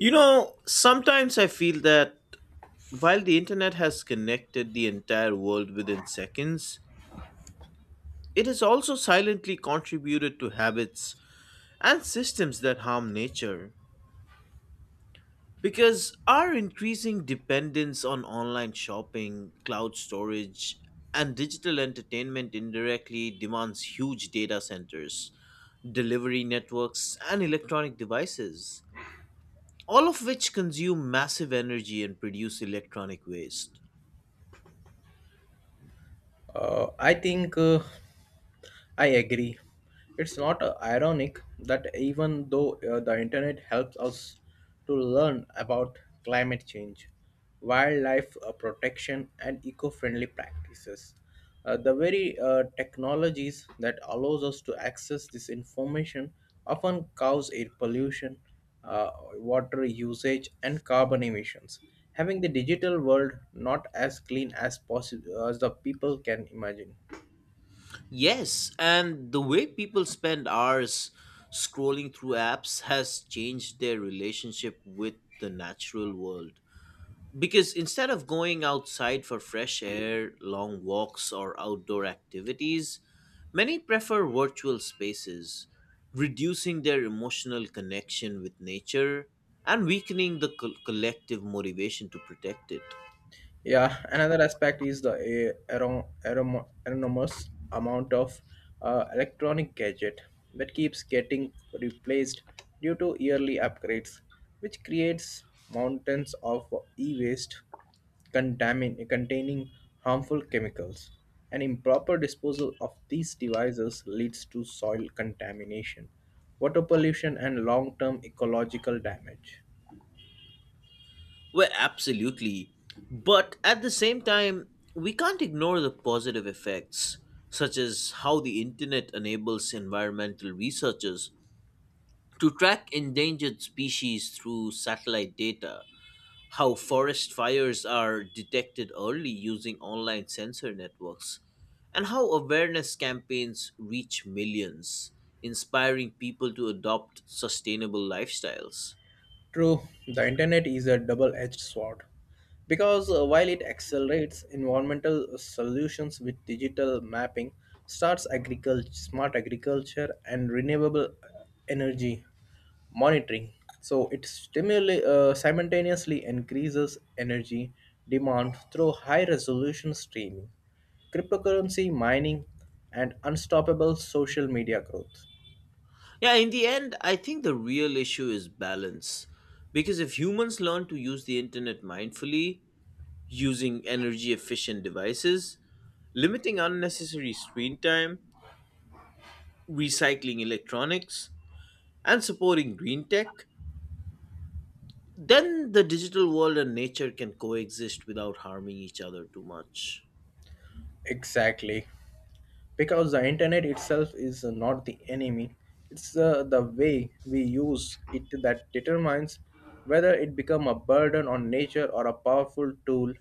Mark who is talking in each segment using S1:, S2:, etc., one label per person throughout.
S1: You know, sometimes I feel that while the internet has connected the entire world within seconds, it has also silently contributed to habits and systems that harm nature. Because our increasing dependence on online shopping, cloud storage, and digital entertainment indirectly demands huge data centers, delivery networks, and electronic devices, all of which consume massive energy and produce electronic waste.
S2: I think I agree. It's not ironic that even though the internet helps us to learn about climate change, wildlife protection, and eco-friendly practices, the very technologies that allows us to access this information often cause air pollution, uh, water usage, and carbon emissions, having the digital world not as clean as possible as the people can imagine.
S1: Yes, and the way people spend hours scrolling through apps has changed their relationship with the natural world. Because instead of going outside for fresh air, long walks, or outdoor activities, many prefer virtual spaces, reducing their emotional connection with nature and weakening the collective motivation to protect it.
S2: Yeah, another aspect is the anonymous amount of electronic gadget that keeps getting replaced due to yearly upgrades, which creates mountains of e-waste containing harmful chemicals. And improper disposal of these devices leads to soil contamination, water pollution, and long-term ecological damage.
S1: Well, absolutely. But at the same time, we can't ignore the positive effects, such as how the internet enables environmental researchers to track endangered species through satellite data, how forest fires are detected early using online sensor networks, and how awareness campaigns reach millions, inspiring people to adopt sustainable lifestyles.
S2: True, the internet is a double edged sword because while it accelerates environmental solutions with digital mapping, starts agriculture, smart agriculture and renewable energy monitoring. So it simultaneously increases energy demand through high resolution streaming, cryptocurrency mining, and unstoppable social media growth.
S1: Yeah, in the end, I think the real issue is balance. Because if humans learn to use the internet mindfully, using energy efficient devices, limiting unnecessary screen time, recycling electronics, and supporting green tech, then the digital world and nature can coexist without harming each other too much.
S2: Exactly, because the internet itself is not the enemy. It's the way we use it that determines whether it become a burden on nature or a powerful tool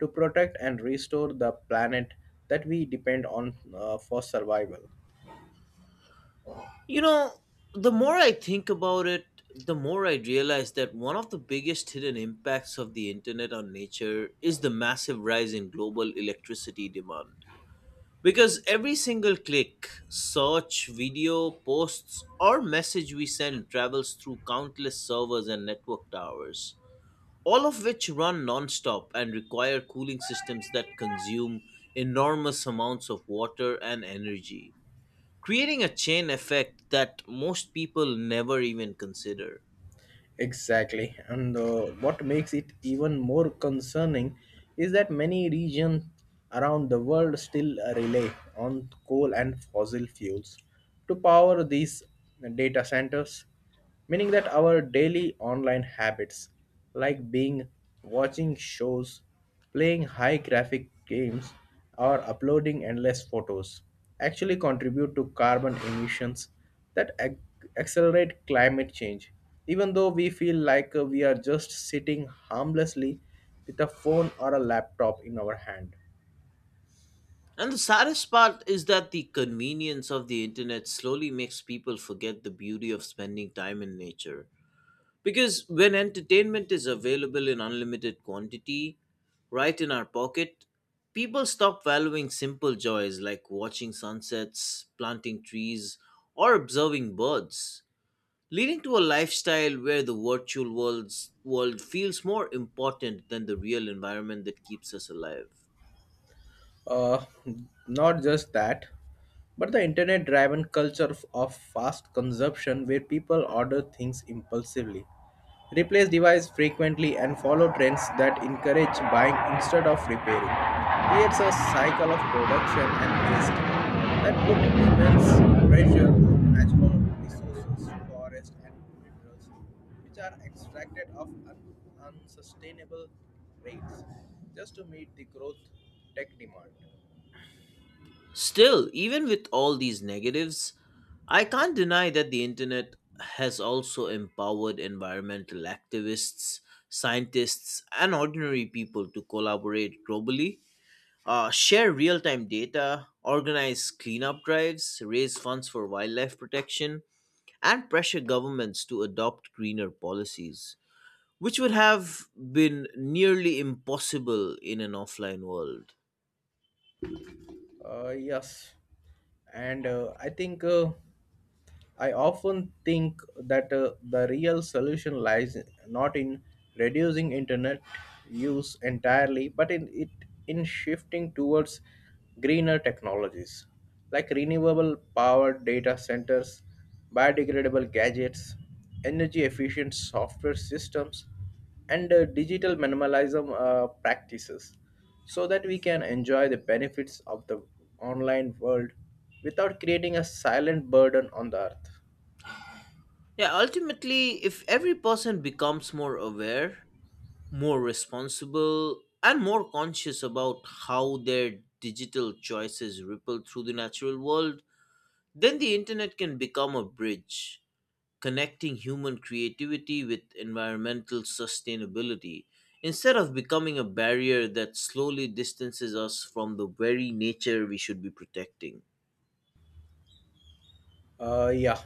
S2: to protect and restore the planet that we depend on for survival.
S1: You know, the more I think about it, the more I realize that one of the biggest hidden impacts of the internet on nature is the massive rise in global electricity demand. Because every single click, search, video, posts, or message we send travels through countless servers and network towers, all of which run nonstop and require cooling systems that consume enormous amounts of water and energy, creating a chain effect that most people never even consider.
S2: Exactly. And what makes it even more concerning is that many regions around the world still rely on coal and fossil fuels to power these data centers, meaning that our daily online habits, like being watching shows, playing high graphic games, or uploading endless photos actually contribute to carbon emissions that accelerate climate change. Even though we feel like we are just sitting harmlessly with a phone or a laptop in our hand.
S1: And the saddest part is that the convenience of the internet slowly makes people forget the beauty of spending time in nature. Because when entertainment is available in unlimited quantity, right in our pocket, people stop valuing simple joys like watching sunsets, planting trees, or observing birds, leading to a lifestyle where the virtual world's world feels more important than the real environment that keeps us alive.
S2: Uh, Not just that, but the internet driven culture of fast consumption where people order things impulsively, replace device frequently and follow trends that encourage buying instead of repairing. Creates a cycle of production and waste that put immense pressure on natural resources, forests and minerals, which are extracted of unsustainable rates just to meet the growth tech demand.
S1: Still, even with all these negatives, I can't deny that the internet has also empowered environmental activists, scientists, and ordinary people to collaborate globally, share real time data, organize cleanup drives, raise funds for wildlife protection, and pressure governments to adopt greener policies, which would have been nearly impossible in an offline world.
S2: Yes, and I think. I often think that the real solution lies not in reducing internet use entirely, but in shifting towards greener technologies like renewable power data centers, biodegradable gadgets, energy efficient software systems and digital minimalism practices so that we can enjoy the benefits of the online world without creating a silent burden on the earth.
S1: Yeah, ultimately, if every person becomes more aware, more responsible, and more conscious about how their digital choices ripple through the natural world, then the internet can become a bridge connecting human creativity with environmental sustainability instead of becoming a barrier that slowly distances us from the very nature we should be protecting.
S2: Yeah,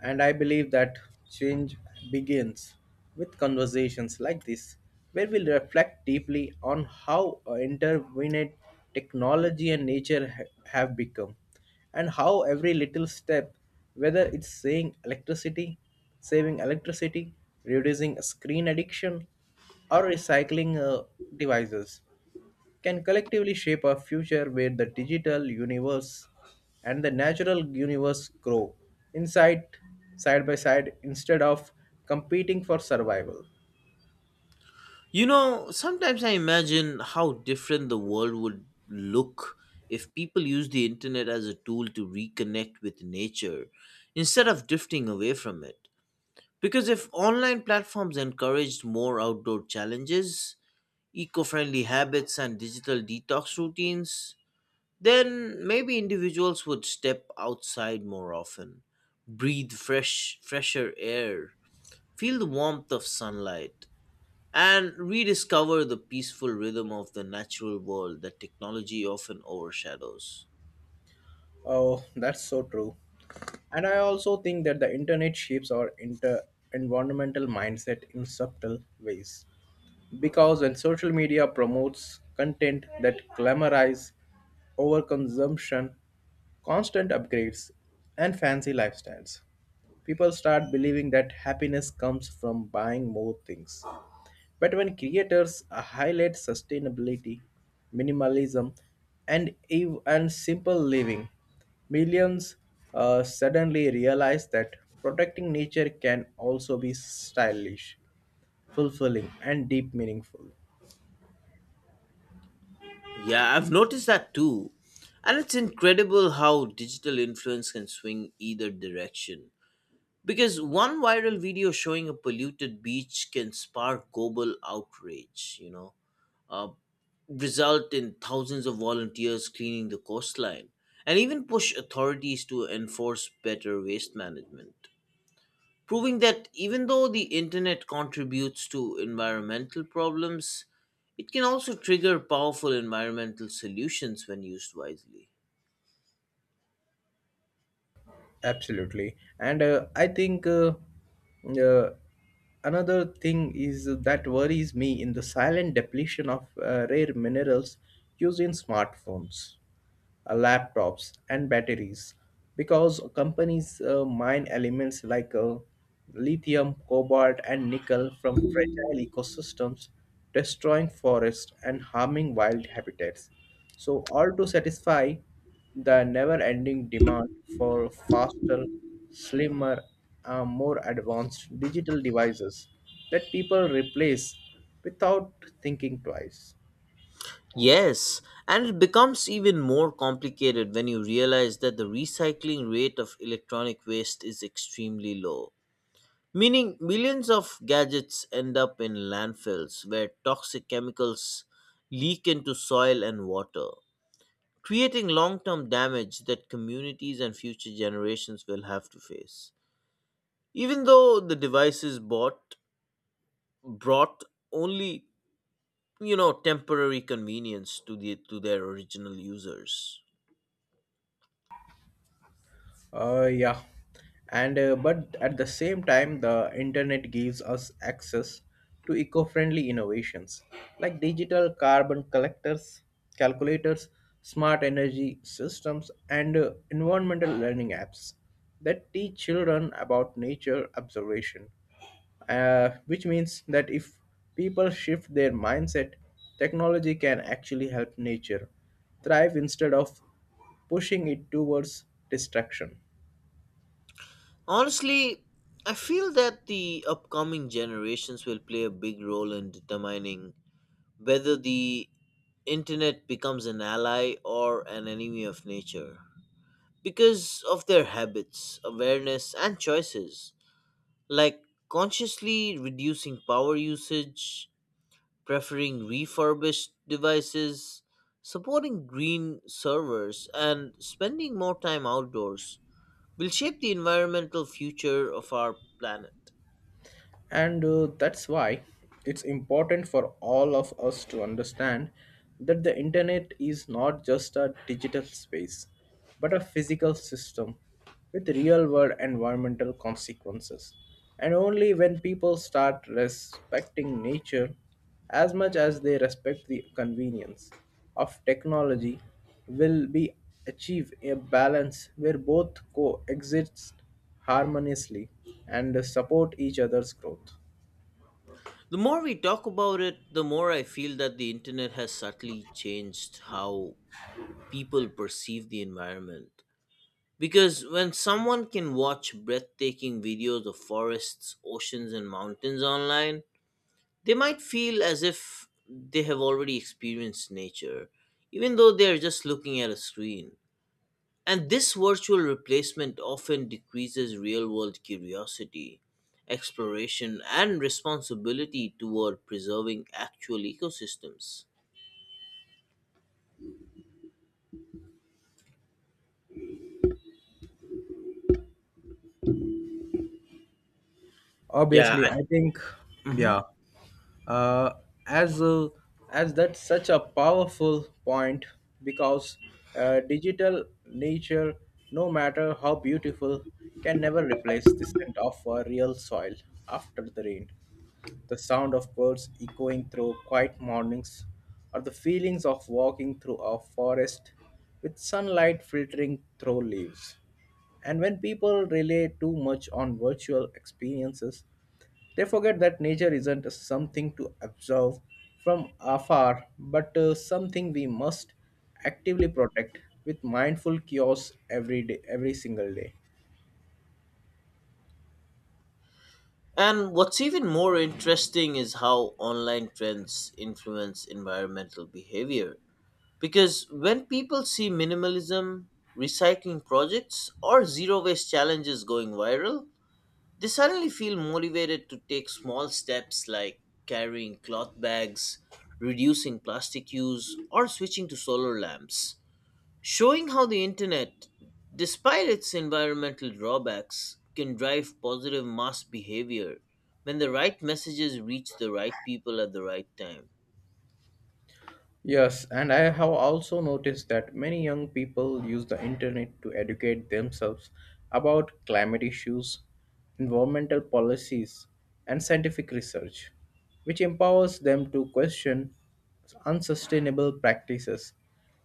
S2: and I believe that change begins with conversations like this, where we reflect deeply on how intervened technology and nature have become, and how every little step, whether it's saying electricity, saving electricity, reducing screen addiction, or recycling devices, can collectively shape a future where the digital universe and the natural universe grow inside side by side instead of competing for survival.
S1: You know, sometimes I imagine how different the world would look if people used the internet as a tool to reconnect with nature instead of drifting away from it. Because if online platforms encouraged more outdoor challenges, eco friendly habits, and digital detox routines, then maybe individuals would step outside more often, breathe fresher air, feel the warmth of sunlight and rediscover the peaceful rhythm of the natural world that technology often overshadows.
S2: Oh, that's so true. And I also think that the internet shapes our inter environmental mindset in subtle ways, because when social media promotes content that glamorizes overconsumption, constant upgrades, and fancy lifestyles, people start believing that happiness comes from buying more things. But when creators highlight sustainability, minimalism, and simple living, millions suddenly realize that protecting nature can also be stylish, fulfilling, and deep meaningful.
S1: Yeah, I've noticed that too. And it's incredible how digital influence can swing either direction. Because one viral video showing a polluted beach can spark global outrage, you know, uh, result in thousands of volunteers cleaning the coastline, and even push authorities to enforce better waste management, proving that even though the internet contributes to environmental problems, it can also trigger powerful environmental solutions when used wisely.
S2: Absolutely. And I think uh, another thing is that worries me in the silent depletion of rare minerals used in smartphones laptops, and batteries because companies mine elements like lithium, cobalt, and nickel from fragile ecosystems, destroying forests and harming wild habitats. So, all to satisfy the never ending demand for faster, slimmer, more advanced digital devices that people replace without thinking twice.
S1: Yes, and it becomes even more complicated when you realize that the recycling rate of electronic waste is extremely low, meaning millions of gadgets end up in landfills where toxic chemicals leak into soil and water, creating long term damage that communities and future generations will have to face. Even though the devices bought brought only, you know, temporary convenience to their original users.
S2: Yeah, and but at the same time, the internet gives us access to eco-friendly innovations like digital carbon collectors, calculators, smart energy systems, and environmental learning apps that teach children about nature observation. Which means that if people shift their mindset, technology can actually help nature thrive instead of pushing it towards destruction.
S1: Honestly, I feel that the upcoming generations will play a big role in determining whether the internet becomes an ally or an enemy of nature because of their habits, awareness and choices, like consciously reducing power usage, preferring refurbished devices, supporting green servers, and spending more time outdoors will shape the environmental future of our planet.
S2: And that's why it's important for all of us to understand that the internet is not just a digital space, but a physical system with real world environmental consequences. And only when people start respecting nature as much as they respect the convenience of technology will be achieve a balance where both coexist harmoniously and support each other's growth.
S1: The more we talk about it, the more I feel that the internet has subtly changed how people perceive the environment. Because when someone can watch breathtaking videos of forests, oceans, and mountains online, they might feel as if they have already experienced nature, even though they are just looking at a screen. And this virtual replacement often decreases real world curiosity, exploration, and responsibility toward preserving actual ecosystems. Yeah.
S2: Obviously I think,
S1: Mhm.
S2: yeah, uh, as a, as that's such a powerful point because digital nature, no matter how beautiful, can never replace the scent of a real soil after the rain, the sound of birds echoing through quiet mornings, or the feelings of walking through a forest with sunlight filtering through leaves. And when people rely too much on virtual experiences, they forget that nature isn't something to observe from afar, but something we must actively protect with mindful chaos every day, every single day.
S1: And what's even more interesting is how online trends influence environmental behavior. Because when people see minimalism, recycling projects, or zero waste challenges going viral, they suddenly feel motivated to take small steps like carrying cloth bags, reducing plastic use, or switching to solar lamps, showing how the internet, despite its environmental drawbacks, can drive positive mass behavior when the right messages reach the right people at the right time.
S2: Yes, and I have also noticed that many young people use the internet to educate themselves about climate issues, environmental policies, and scientific research, which empowers them to question unsustainable practices,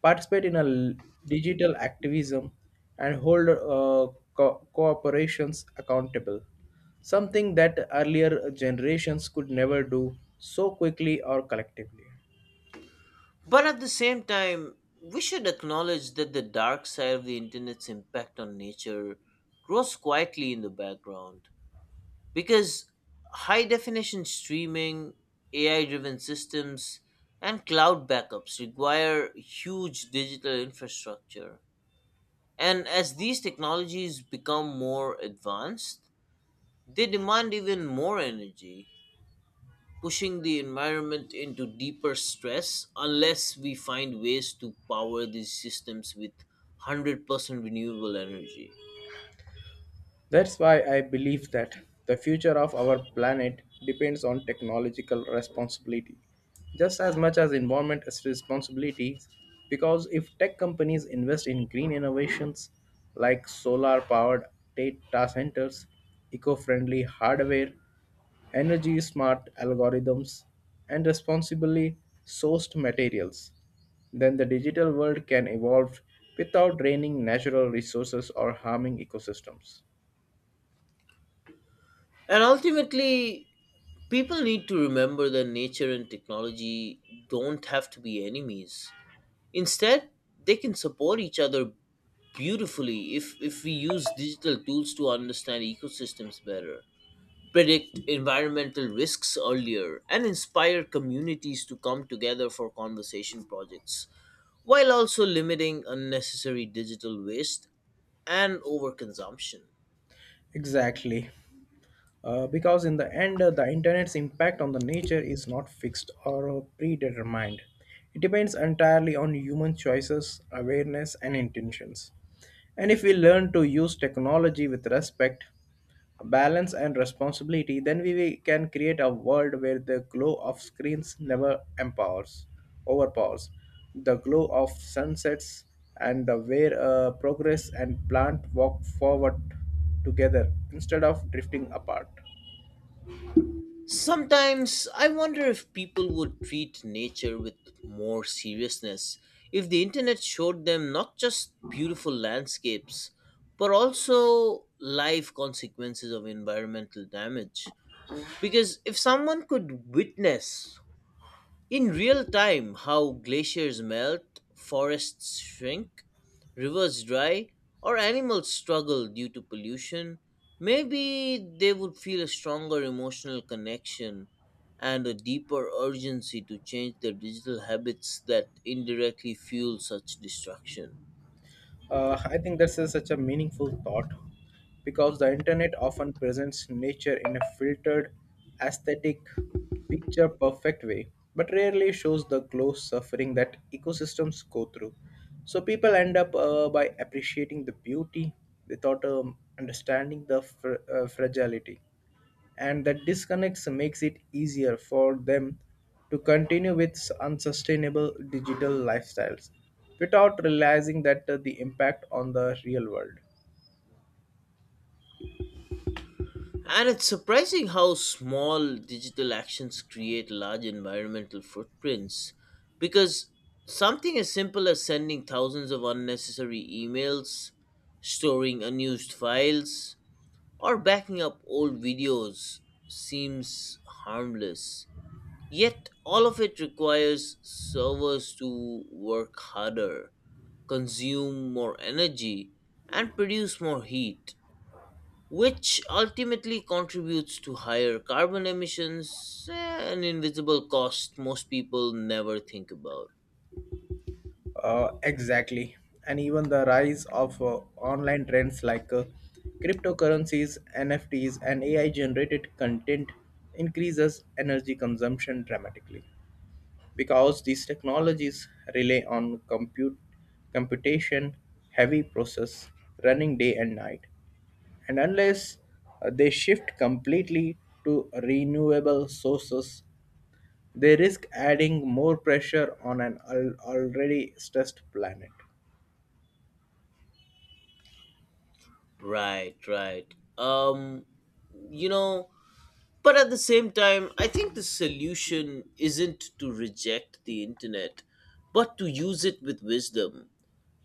S2: participate in digital activism, and hold corporations accountable, something that earlier generations could never do so quickly or collectively.
S1: But at the same time, we should acknowledge that the dark side of the internet's impact on nature grows quietly in the background, because high definition streaming, AI driven systems, and cloud backups require huge digital infrastructure. And as these technologies become more advanced, they demand even more energy, pushing the environment into deeper stress unless we find ways to power these systems with 100% renewable energy.
S2: That's why I believe that the future of our planet depends on technological responsibility, just as much as environment as responsibilities. Because if tech companies invest in green innovations like solar powered data centers, eco friendly hardware, energy smart algorithms, and responsibly sourced materials, then the digital world can evolve without draining natural resources or harming ecosystems.
S1: And ultimately, people need to remember that nature and technology don't have to be enemies. Instead, they can support each other beautifully if we use digital tools to understand ecosystems better, predict environmental risks earlier, and inspire communities to come together for conservation projects, while also limiting unnecessary digital waste and overconsumption.
S2: Exactly. Because in the end, the internet's impact on the nature is not fixed or predetermined. It depends entirely on human choices, awareness, and intentions. And if we learn to use technology with respect, balance and responsibility, then we can create a world where the glow of screens never empowers, overpowers the glow of sunsets and the where progress and plant walk forward together instead of drifting apart.
S1: Sometimes I wonder if people would treat nature with more seriousness if the internet showed them not just beautiful landscapes, but also life consequences of environmental damage. Because if someone could witness in real time how glaciers melt, forests shrink, rivers dry, or animals struggle due to pollution, maybe they would feel a stronger emotional connection and a deeper urgency to change their digital habits that indirectly fuel such destruction.
S2: I think that's such a meaningful thought because the internet often presents nature in a filtered, aesthetic, picture perfect way, but rarely shows the close suffering that ecosystems go through. So people end up by appreciating the beauty without understanding the fragility and that disconnects makes it easier for them to continue with unsustainable digital lifestyles without realizing that the impact on the real world.
S1: And it's surprising how small digital actions create large environmental footprints, because something as simple as sending thousands of unnecessary emails, storing unused files, or backing up old videos seems harmless. Yet, all of it requires servers to work harder, consume more energy, and produce more heat, which ultimately contributes to higher carbon emissions, an invisible cost most people never think about.
S2: Exactly, and even the rise of online trends like cryptocurrencies, NFTs and AI generated content increases energy consumption dramatically because these technologies rely on compute computation heavy process running day and night, and unless they shift completely to renewable sources they risk adding more pressure on an already stressed planet.
S1: Right, right. Um, you know, but at the same time, I think the solution isn't to reject the internet, but to use it with wisdom.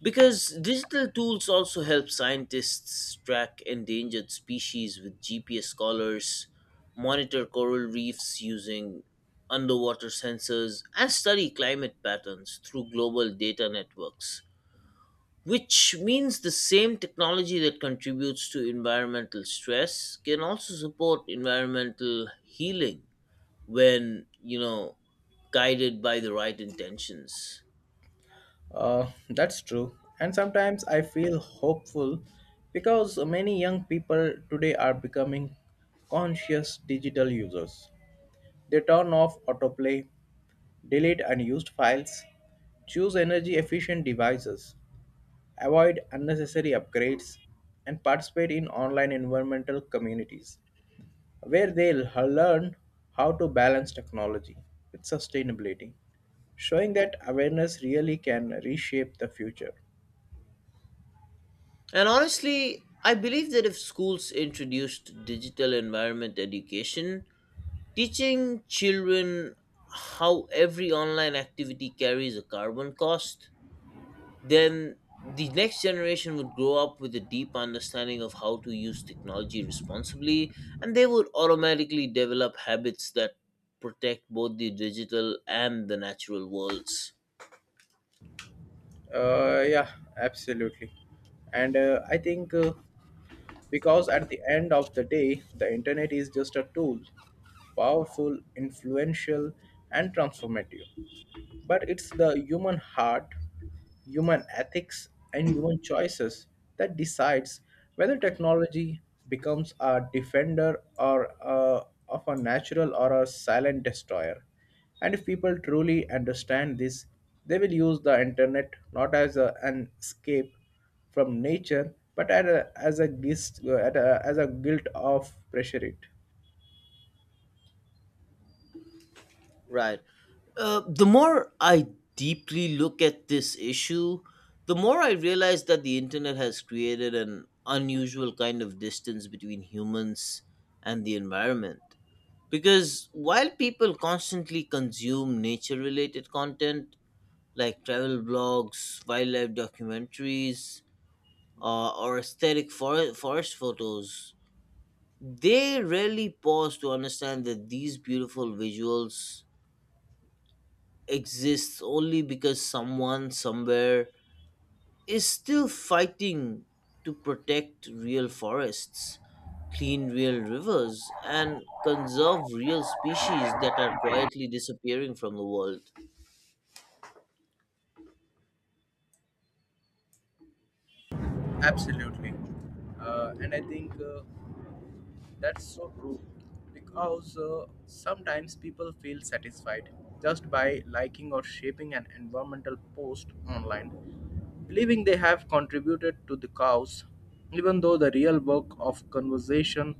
S1: Because digital tools also help scientists track endangered species with GPS collars, monitor coral reefs using underwater sensors, and study climate patterns through global data networks, which means the same technology that contributes to environmental stress can also support environmental healing when, you know, guided by the right intentions.
S2: That's true. And sometimes I feel hopeful because many young people today are becoming conscious digital users. They turn off autoplay, delete unused files, choose energy efficient devices, avoid unnecessary upgrades, and participate in online environmental communities where learn how to balance technology with sustainability, showing that awareness really can reshape the future.
S1: And honestly, I believe that if schools introduced digital environment education, teaching children how every online activity carries a carbon cost, then the next generation would grow up with a deep understanding of how to use technology responsibly, and they would automatically develop habits that protect both the digital and the natural worlds.
S2: Yeah, absolutely. And I think because at the end of the day, the internet is just a tool, powerful, influential, and transformative. But it's the human heart, human ethics, and human choices that decides whether technology becomes a defender of a natural or a silent destroyer. And if people truly understand this, they will use the internet not as an escape from nature, but as a guilt, as a guilt of pressure it.
S1: Right. The more I deeply look at this issue, the more I realize that the internet has created an unusual kind of distance between humans and the environment. Because while people constantly consume nature related content like travel blogs, wildlife documentaries, or aesthetic forest photos, they rarely pause to understand that these beautiful visuals exists only because someone somewhere is still fighting to protect real forests, clean real rivers, and conserve real species that are quietly disappearing from the world.
S2: Absolutely, and I think. That's so true. Because sometimes people feel satisfied just by liking or shaping an environmental post online, believing they have contributed to the cause, even though the real work of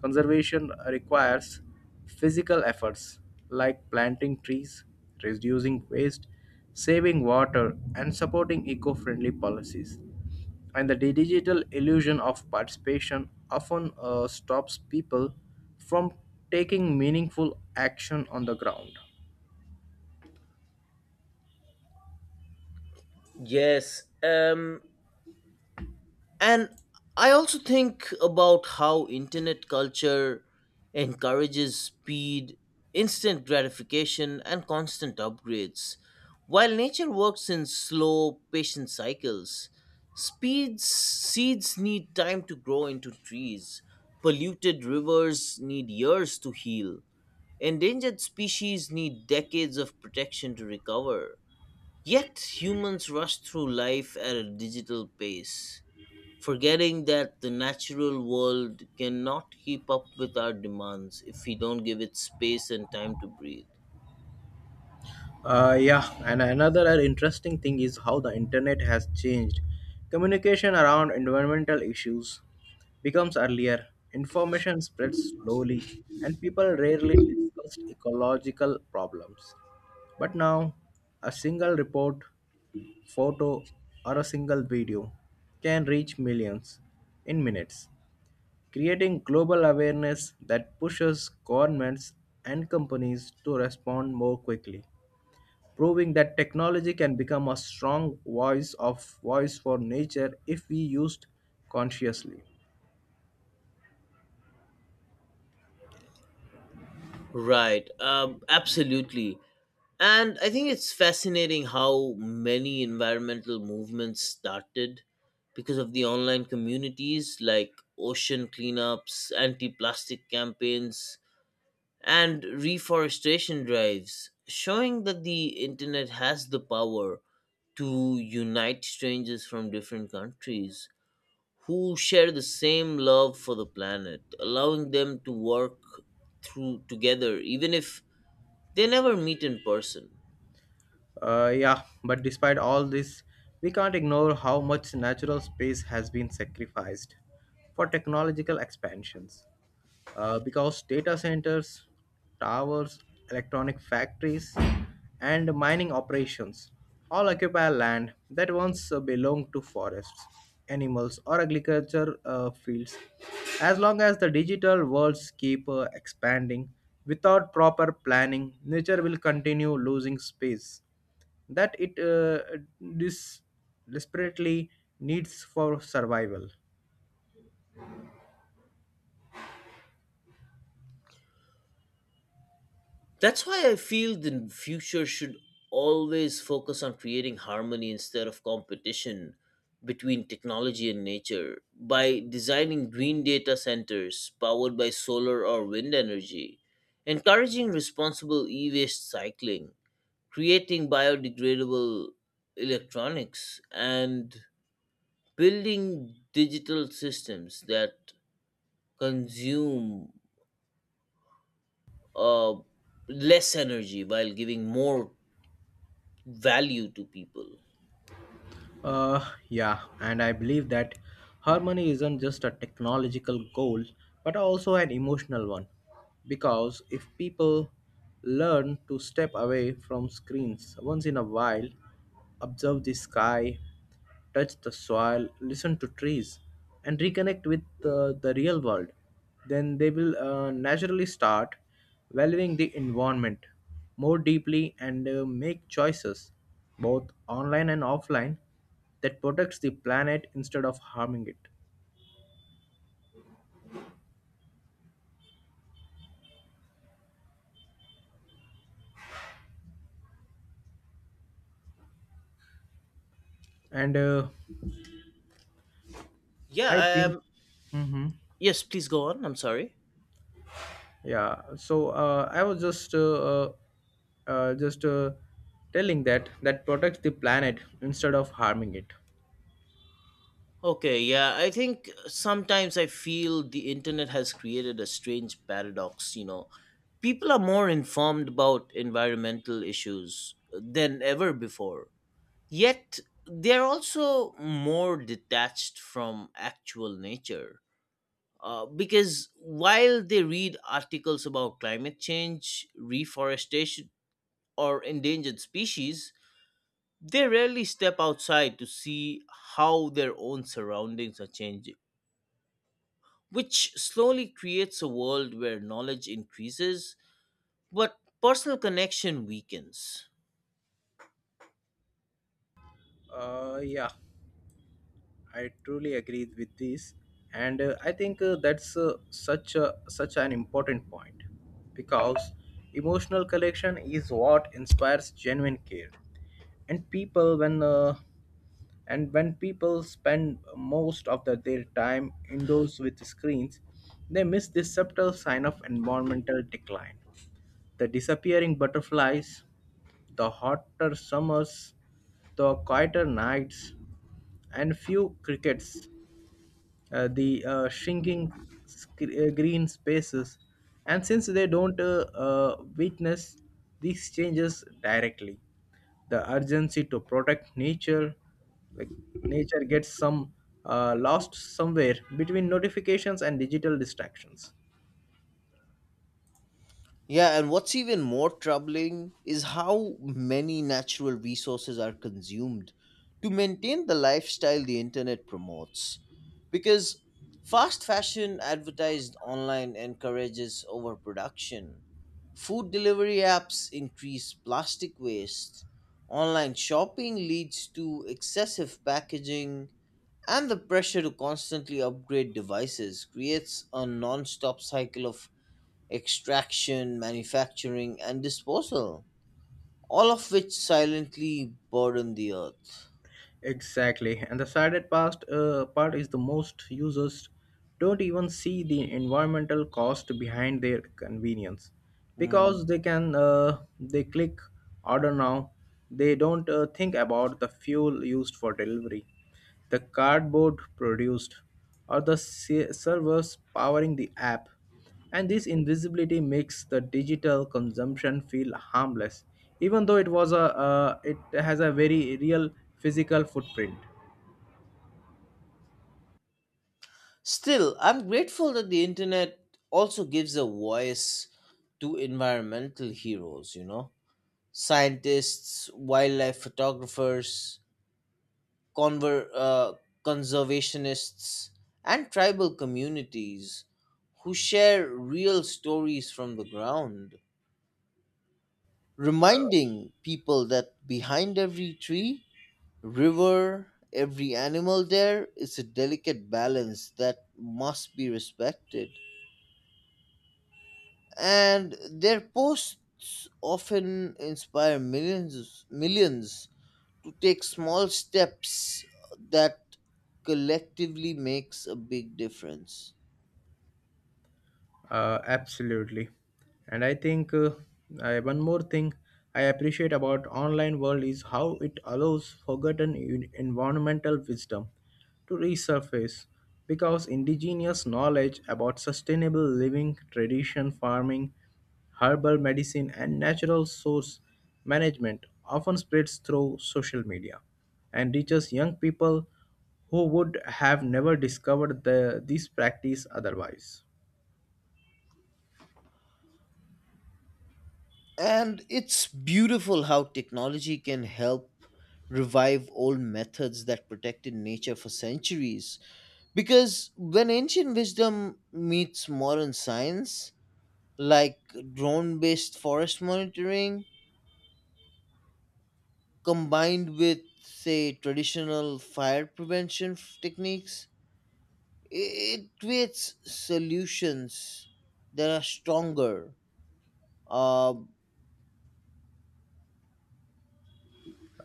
S2: conservation requires physical efforts like planting trees, reducing waste, saving water, and supporting eco friendly policies and the digital illusion of participation often stops people from taking meaningful action on the ground.
S1: Yes, and I also think about how internet culture encourages speed, instant gratification and constant upgrades while nature works in slow patient cycles. Speeds Seeds need time to grow into trees, polluted rivers need years to heal, endangered species need decades of protection to recover, yet humans rush through life at a digital pace, forgetting that the natural world cannot keep up with our demands if we don't give it space and time to breathe.
S2: Yeah, and another interesting thing is how the internet has changed. Communication around environmental issues becomes earlier, information spreads slowly, and people rarely discussed ecological problems. But now, a single report photo, or a single video can reach millions in minutes, creating global awareness that pushes governments and companies to respond more quickly, proving that technology can become a strong voice for nature if we used consciously.
S1: Right, Absolutely. And I think it's fascinating how many environmental movements started because of the online communities like ocean cleanups, anti plastic campaigns, and reforestation drives, showing that the internet has the power to unite strangers from different countries who share the same love for the planet, allowing them to work through together even if they never meet in person.
S2: Yeah, but despite all this, we can't ignore how much natural space has been sacrificed for technological expansions. Because data centers, towers, electronic factories, and mining operations all occupy land that once belonged to forests, animals, or agriculture fields. As long as the digital worlds keep expanding without proper planning, nature will continue losing space that it dis- desperately needs for survival.
S1: That's why I feel the future should always focus on creating harmony instead of competition between technology and nature by designing green data centers powered by solar or wind energy, encouraging responsible e waste cycling, creating biodegradable electronics, and building digital systems that consume uh, less energy while giving more value to people.
S2: Uh, yeah, and I believe that harmony isn't just a technological goal, but also an emotional one. Because if people learn to step away from screens once in a while, observe the sky, touch the soil, listen to trees, and reconnect with the real world, then they will naturally start valuing the environment more deeply and make choices, both online and offline, that protects the planet instead of harming it. And
S1: Yeah,
S2: I
S1: I
S2: think,
S1: am.
S2: hmm,
S1: Yes, please go on. I'm sorry.
S2: yeah. So I was just telling that that protects the planet instead of harming it.
S1: Okay, yeah, I think sometimes I feel the internet has created a strange paradox. You know, people are more informed about environmental issues than ever before, yet they're also more detached from actual nature. Because while they read articles about climate change, reforestation, or endangered species, they rarely step outside to see how their own surroundings are changing, which slowly creates a world where knowledge increases but personal connection weakens.
S2: Yeah. I truly agree with this, and I think that's such a such an important point because emotional connection is what inspires genuine care, and people when uh, and when people spend most of their time indoors with screens, they miss this subtle sign of environmental decline. The disappearing butterflies, the hotter summers, the quieter nights, and few crickets, the shrinking green spaces, and since they don't witness these changes directly, the urgency to protect nature, like nature gets some lost somewhere between notifications and digital distractions.
S1: Yeah, and what's even more troubling is how many natural resources are consumed to maintain the lifestyle the internet promotes. Because fast fashion advertised online encourages overproduction, food delivery apps increase plastic waste, online shopping leads to excessive packaging, and the pressure to constantly upgrade devices creates a non stop cycle of extraction, manufacturing, and disposal, all of which silently burden the earth.
S2: Exactly. And the part is the most users don't even see the environmental cost behind their convenience
S1: Mm.
S2: because they click order now. They don't think about the fuel used for delivery, the cardboard produced, or the servers powering the app, and this invisibility makes the digital consumption feel harmless, even though it has a very real physical footprint.
S1: Still, I'm grateful that the internet also gives a voice to environmental heroes, you know, scientists, wildlife photographers, conver- uh, conservationists, and tribal communities who share real stories from the ground, reminding people that behind every tree, river, every animal there is a delicate balance that must be respected. And their posts often inspire millions to take small steps that collectively makes a big difference.
S2: Absolutely. And I think one more thing I appreciate about online world is how it allows forgotten environmental wisdom to resurface because indigenous knowledge about sustainable living, tradition, farming, herbal medicine and natural source management often spreads through social media and reaches young people who would have never discovered this practice otherwise.
S1: And it's beautiful how technology can help revive old methods that protected nature for centuries. Because when ancient wisdom meets modern science, like drone based forest monitoring combined with, say, traditional fire prevention techniques, it creates solutions that are stronger, uh,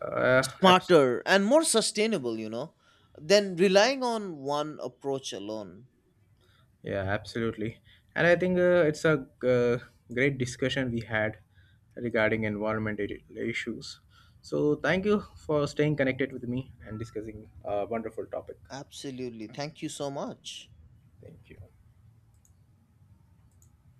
S2: Uh, abs-
S1: smarter, and more sustainable, you know, than relying on one approach alone.
S2: yeah, absolutely. And I think it's a great discussion we had regarding environment issues. So thank you for staying connected with me and discussing a wonderful topic.
S1: Absolutely. Thank you so much.
S2: Thank you.